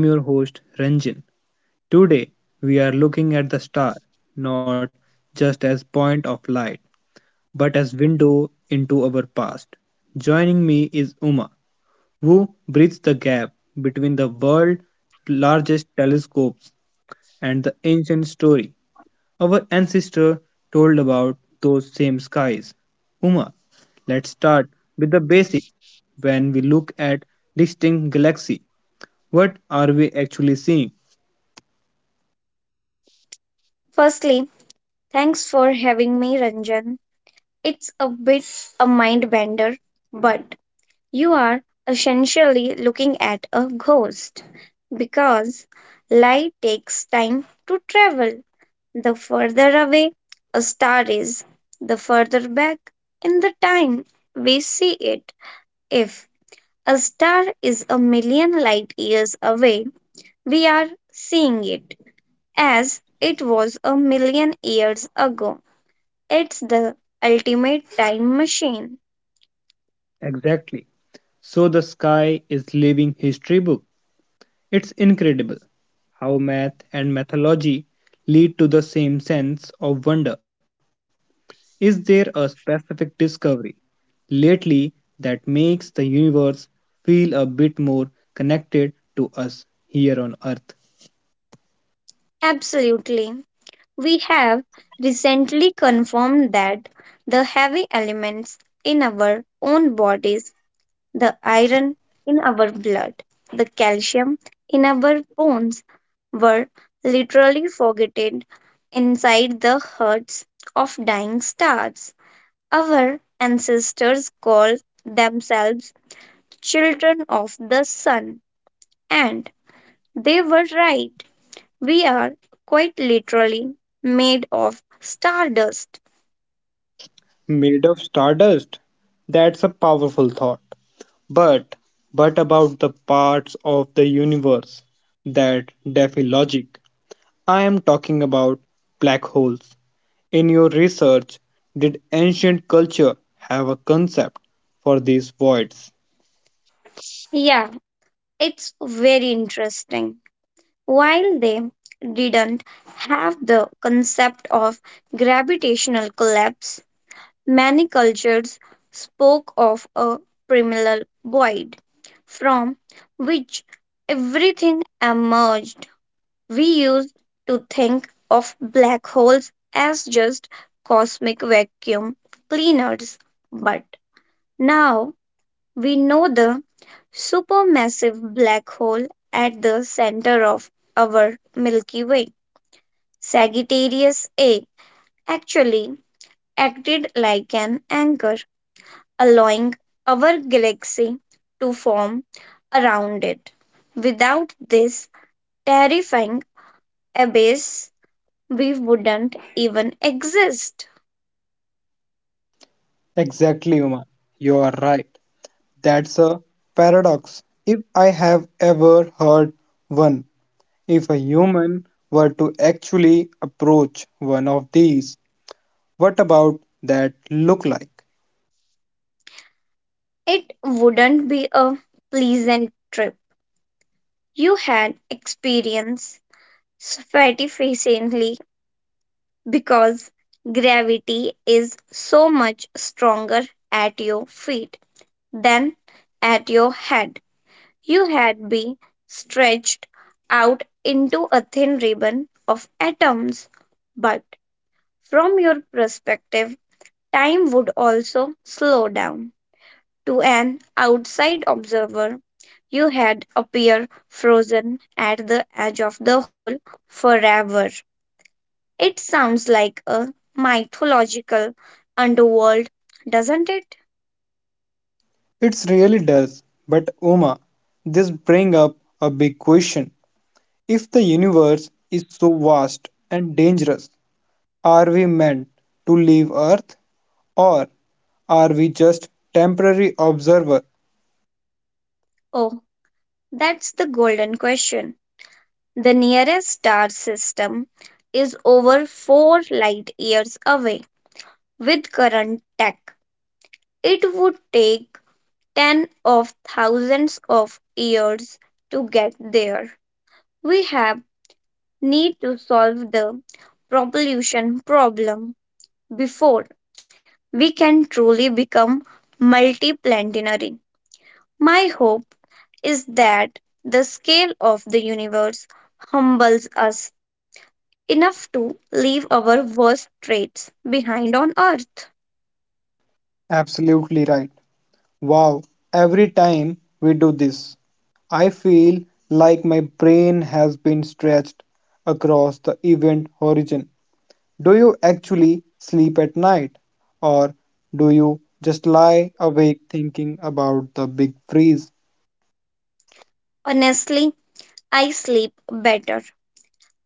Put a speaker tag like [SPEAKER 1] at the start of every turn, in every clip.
[SPEAKER 1] I'm your host Ranjan. Today we are looking at the star not just as point of light but as window into our past. Joining me is Uma who bridges the gap between the world's largest telescopes and the ancient story our ancestor told about those same skies. Uma, let's start with the basic. When we look at distinct galaxy, what are we actually seeing?
[SPEAKER 2] Firstly, thanks for having me, Ranjan. It's a bit a mind bender, but you are essentially looking at a ghost because light takes time to travel. The further away a star is, the further back in the time we see it. If a star is a million light years away, we are seeing it as it was a million years ago. It's the ultimate time machine.
[SPEAKER 1] Exactly. So the sky is living history book. It's incredible how math and mythology lead to the same sense of wonder. Is there a specific discovery lately that makes the universe feel a bit more connected to us here on earth?
[SPEAKER 2] Absolutely. We have recently confirmed that the heavy elements in our own bodies, the iron in our blood, the calcium in our bones, were literally forgotten inside the hearts of dying stars. Our ancestors called themselves children of the sun. And they were right. We are quite literally made of stardust.
[SPEAKER 1] Made of stardust? That's a powerful thought. But, but about the parts of the universe that defy logic. I am talking about black holes. In your research, did ancient culture have a concept for these voids?
[SPEAKER 2] Yeah, it's very interesting. While they didn't have the concept of gravitational collapse, many cultures spoke of a primal void from which everything emerged. We used to think of black holes as just cosmic vacuum cleaners, but now we know the supermassive black hole at the center of our Milky Way, Sagittarius A, actually acted like an anchor, allowing our galaxy to form around it. Without this terrifying abyss, we wouldn't even exist.
[SPEAKER 1] Exactly, Uma. You are right. That's a paradox. If I have ever heard one, if a human were to actually approach one of these, what about that look like?
[SPEAKER 2] It wouldn't be a pleasant trip. You had experience sufficiently because gravity is so much stronger at your feet than at your head. You had been stretched out into a thin ribbon of atoms, but from your perspective, time would also slow down. To an outside observer, you had appear frozen at the edge of the hole forever. It sounds like a mythological underworld, doesn't it?
[SPEAKER 1] It really does. But Uma, this brings up a big question. If the universe is so vast and dangerous, are we meant to leave Earth or are we just temporary observer?
[SPEAKER 2] Oh, that's the golden question. The nearest star system is over 4 light years away. With current tech, it would take 10 of thousands of years to get there. We have need to solve the pollution problem before we can truly become multiplanetary. My hope is that the scale of the universe humbles us enough to leave our worst traits behind on earth.
[SPEAKER 1] Absolutely right. Wow, every time we do this, I feel like my brain has been stretched across the event horizon. Do you actually sleep at night or do you just lie awake thinking about the big freeze?
[SPEAKER 2] Honestly, I sleep better.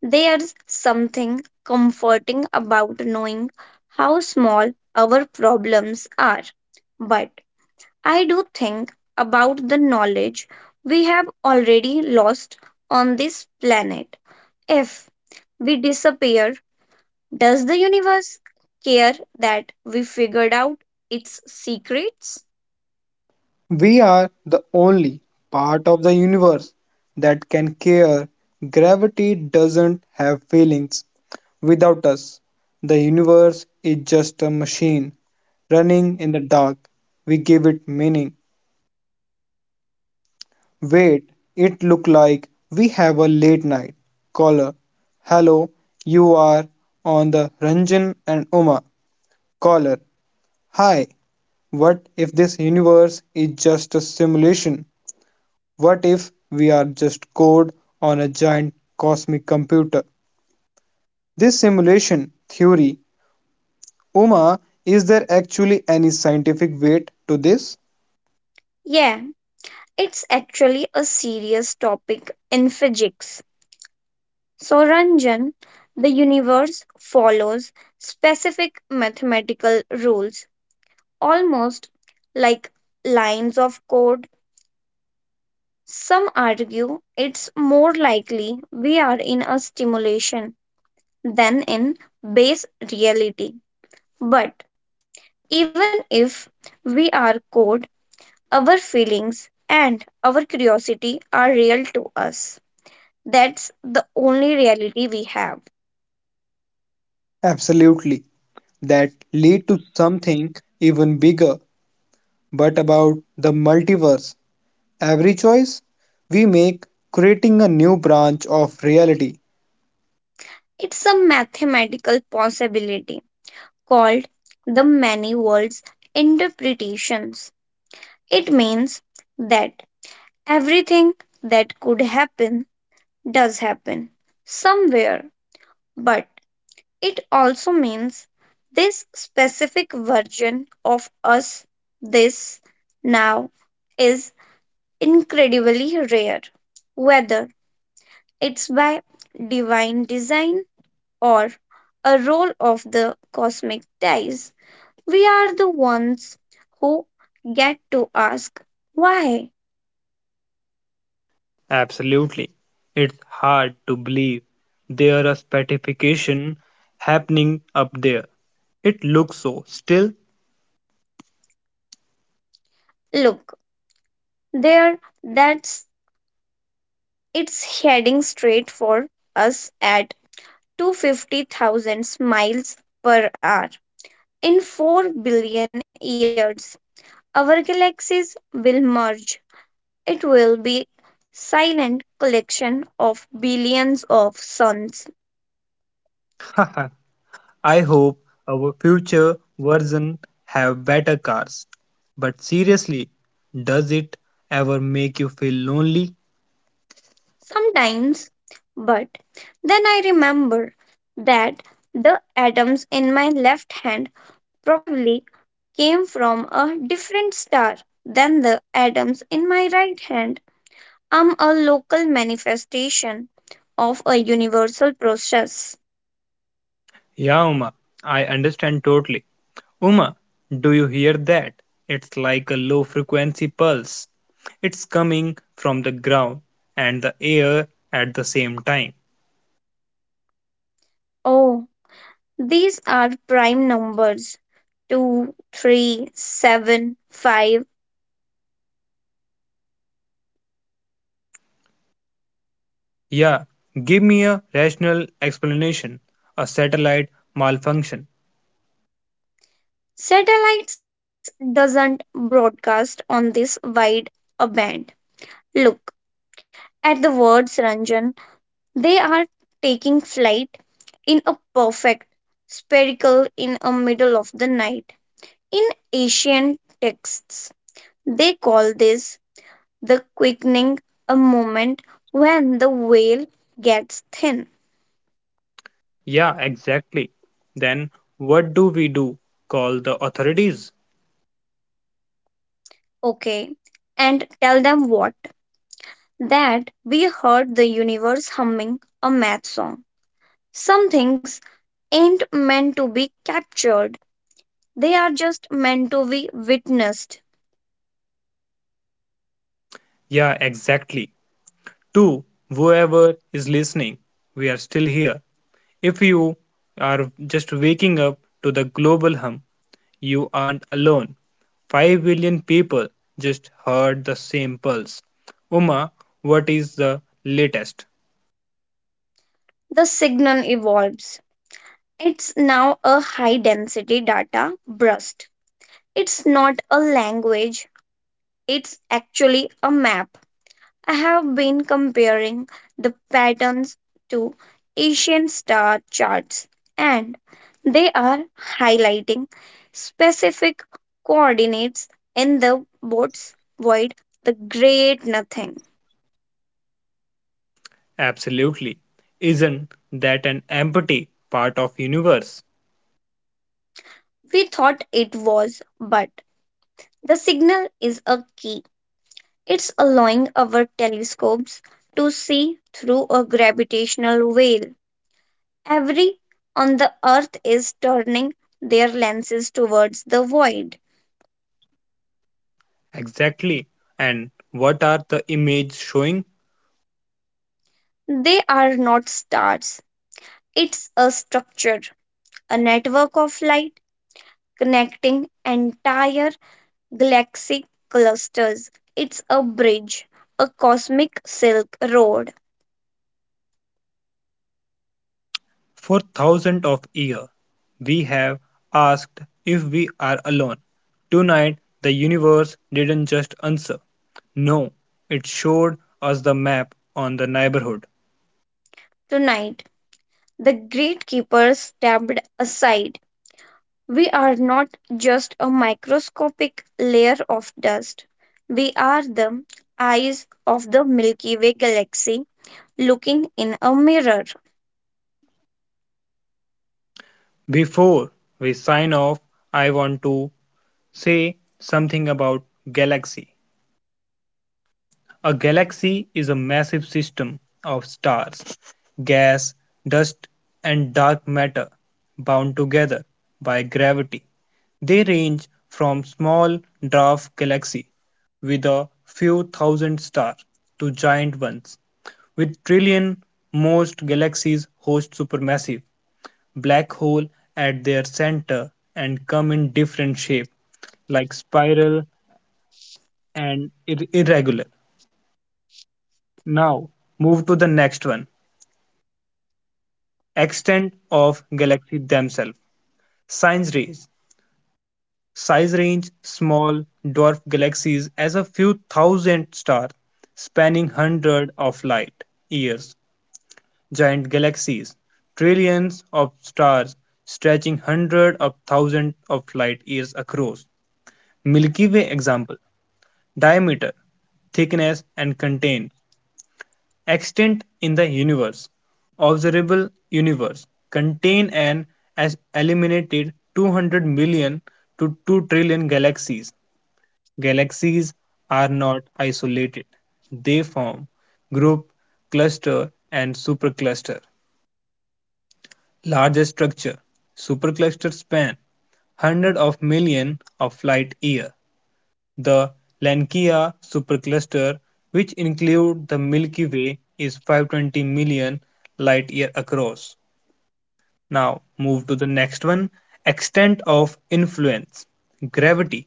[SPEAKER 2] There's something comforting about knowing how small our problems are, but I do think about the knowledge we have already lost on this planet. If we disappear, does the universe care that we figured out its secrets?
[SPEAKER 1] We are the only part of the universe that can care. Gravity doesn't have feelings. Without us, the universe is just a machine running in the dark. We give it meaning. Wait, it look like we have a late night caller. Hello, you are on the Ranjan and Uma caller. Hi, what if this universe is just a simulation? What if we are just code on a giant cosmic computer? This simulation theory, Uma, is there actually any scientific weight to this?
[SPEAKER 2] Yeah, it's actually a serious topic in physics. So, Ranjan, the universe follows specific mathematical rules, almost like lines of code. Some argue it's more likely we are in a stimulation than in base reality. But even if we are caught, our feelings and our curiosity are real to us. That's the only reality we have.
[SPEAKER 1] Absolutely. That lead to something even bigger, but about the multiverse. Every choice we make creating a new branch of reality.
[SPEAKER 2] It's a mathematical possibility called the many worlds interpretations. It means that everything that could happen does happen somewhere, but it also means this specific version of us, this now, is incredibly rare. Whether it's by divine design or a roll of the cosmic dice, we are the ones who get to ask why.
[SPEAKER 1] Absolutely. It's hard to believe there is stratification happening up there. It looks so still.
[SPEAKER 2] Look, there, that's it's heading straight for us at to 50,000 miles per hour. In 4 billion years, our galaxies will merge. It will be silent collection of billions of suns.
[SPEAKER 1] I hope our future version have better cars. But seriously, does it ever make you feel lonely?
[SPEAKER 2] Sometimes, but then I remember that the atoms in my left hand probably came from a different star than the atoms in my right hand. I'm a local manifestation of a universal process.
[SPEAKER 1] Yeah, Uma, I understand totally. Uma, do you hear that? It's like a low frequency pulse. It's coming from the ground and the air at the same time.
[SPEAKER 2] Oh, these are prime numbers. Two, three, seven, five.
[SPEAKER 1] Yeah, give me a rational explanation. A satellite malfunction.
[SPEAKER 2] Satellites doesn't broadcast on this wide a band. Look at the words, Ranjan. They are taking flight in a perfect spherical in a middle of the night. In ancient texts, they call this the quickening a moment when the veil gets thin.
[SPEAKER 1] Yeah, exactly. Then what do we do? Call the authorities?
[SPEAKER 2] Okay, and tell them what? That we heard the universe humming a math song. Some things ain't meant to be captured, they are just meant to be witnessed.
[SPEAKER 1] Yeah, exactly. To whoever is listening, we are still here. If you are just waking up to the global hum, you aren't alone. 5 billion people just heard the same pulse. Uma, what is the latest?
[SPEAKER 2] The signal evolves. It's now a high density data burst. It's not a language, it's actually a map. I have been comparing the patterns to Asian star charts, and they are highlighting specific coordinates in the boats void, the great nothing.
[SPEAKER 1] Absolutely. Isn't that an empty part of universe?
[SPEAKER 2] We thought it was, but the signal is a key. It's allowing our telescopes to see through a gravitational veil. Every on the earth is turning their lenses towards the void.
[SPEAKER 1] Exactly. And what are the images showing?
[SPEAKER 2] They are not stars. It's a structure, a network of light connecting entire galaxy clusters. It's a bridge, a cosmic silk road.
[SPEAKER 1] For thousands of years, we have asked if we are alone. Tonight, the universe didn't just answer. No, it showed us the map on the neighborhood.
[SPEAKER 2] Tonight, the gatekeeper stepped aside. We are not just a microscopic layer of dust. We are the eyes of the Milky Way galaxy looking in a mirror.
[SPEAKER 1] Before we sign off, I want to say something about galaxy. A galaxy is a massive system of stars, gas, dust, and dark matter bound together by gravity. They range from small dwarf galaxies with a few thousand stars to giant ones with trillion. Most galaxies host supermassive black hole at their center and come in different shape like spiral and irregular. Now, move to the next one extent of galaxy themselves. Size range. Size range small dwarf galaxies as a few thousand stars spanning hundreds of light years. Giant galaxies, trillions of stars stretching hundreds of thousands of light years across. Milky Way example diameter, thickness, and contain extent in the universe. Observable universe contain an as eliminated 200 million to 2 trillion galaxies. Galaxies are not isolated. They form group, cluster and supercluster. Largest structure. Supercluster span hundreds of million of light year. The Lankaea supercluster, which includes the Milky Way, is 520 million light-years across. Now move to the next one, extent of influence. Gravity.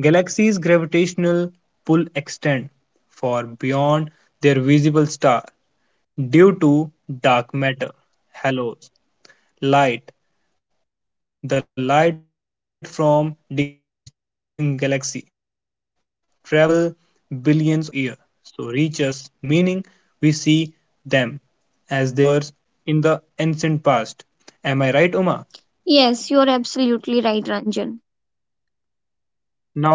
[SPEAKER 1] Galaxies' gravitational pull extend far beyond their visible star due to dark matter, halos, light, the light from distant galaxy travel billions of years to reach us, meaning we see them as they were in the ancient past. Am I right, Uma?
[SPEAKER 2] Yes, you're absolutely right, Ranjan.
[SPEAKER 1] Now move to the cosmic web.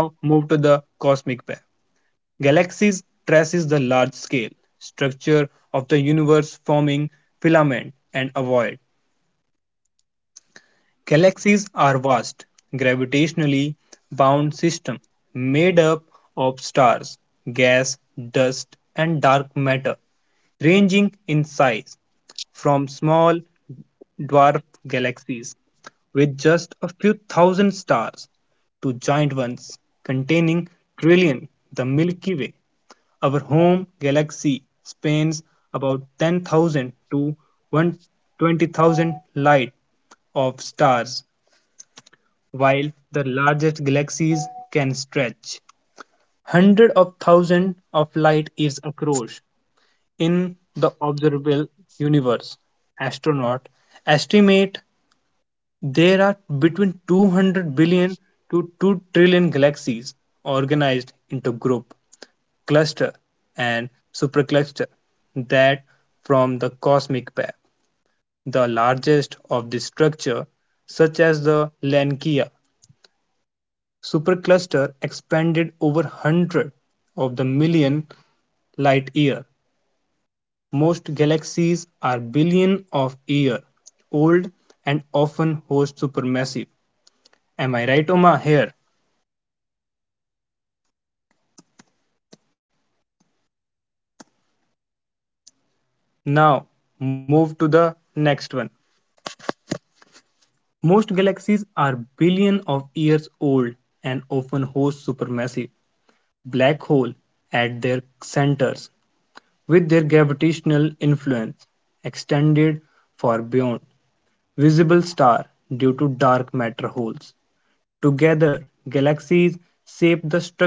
[SPEAKER 1] Galaxies traces the large scale structure of the universe forming filament and ovoid. Galaxies are vast, gravitationally bound systems made up of stars, gas, dust, and dark matter, ranging in size from small dwarf galaxies with just a few thousand stars to giant ones containing trillion the milky way our home galaxy spans about 10,000 to 120,000 light of stars, while the largest galaxies can stretch hundreds of thousands of light years across. In the observable universe, astronauts estimate there are between 200 billion to 2 trillion galaxies organized into group, cluster, and supercluster that from the cosmic path. The largest of this structure, such as the Lankia supercluster expanded over 100 of the million light year. Most galaxies are billion of year old and often host supermassive. Am I right, Oma? Here.
[SPEAKER 2] Yes, you are right here also.
[SPEAKER 1] Now move to the next one. Most galaxies are billion of years old and often host supermassive black hole at their centers with their gravitational influence extended far beyond visible star due to dark matter holes. Together, galaxies shape the structure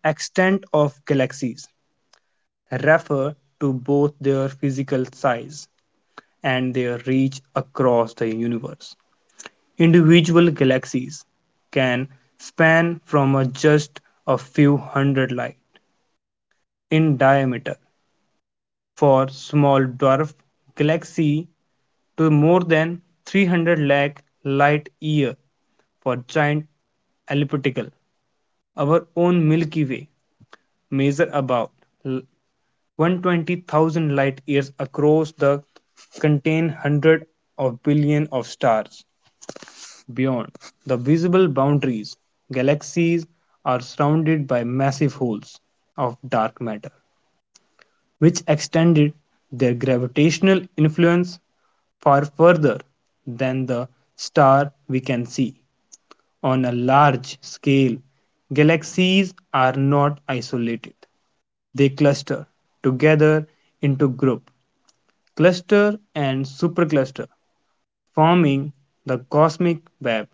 [SPEAKER 1] the extent of galaxies refer to both their physical size and their reach across the universe. Individual galaxies can span from a just a few hundred light in diameter for small dwarf galaxy to more than 300 lakh light year for giant elliptical, our own Milky Way, measure about 120,000 light years across the contain hundreds of billion of stars. Beyond the visible boundaries, galaxies are surrounded by massive holes of dark matter, which extended their gravitational influence far further than the star we can see. On a large scale, galaxies are not isolated. They cluster together into group cluster and supercluster, forming the cosmic web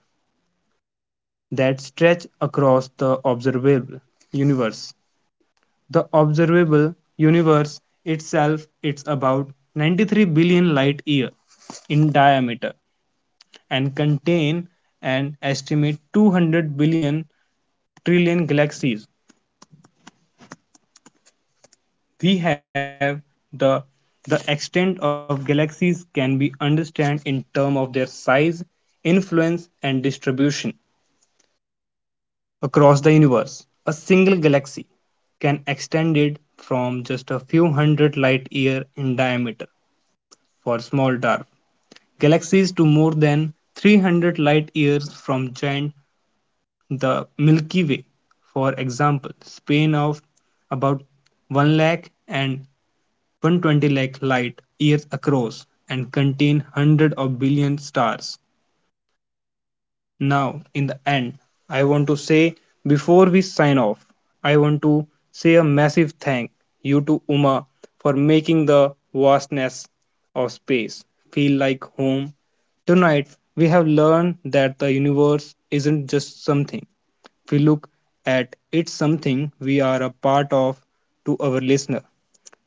[SPEAKER 1] that stretch across the observable universe. The observable universe itself is about 93 billion light years in diameter and contain an estimate 200 billion trillion galaxies we have the the extent of galaxies can be understood in terms of their size, influence, and distribution across the universe. A single galaxy can extend it from just a few hundred light year in diameter for small dwarf galaxies to more than 300 light years from giant the Milky Way, for example, span of about 1 lakh and 120 lakh light years across and contain hundreds of billion stars. Now, in the end, I want to say before we sign off, I want to say a massive thank you to Uma for making the vastness of space feel like home. Tonight, we have learned that the universe isn't just something we look at, it's something we are a part of to our listener.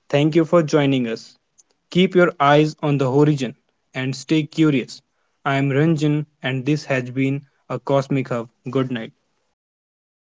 [SPEAKER 1] Thank you for joining us. Keep your eyes on the horizon and stay curious. I am Ranjan, and this has been a Cosmic Hub. Good night.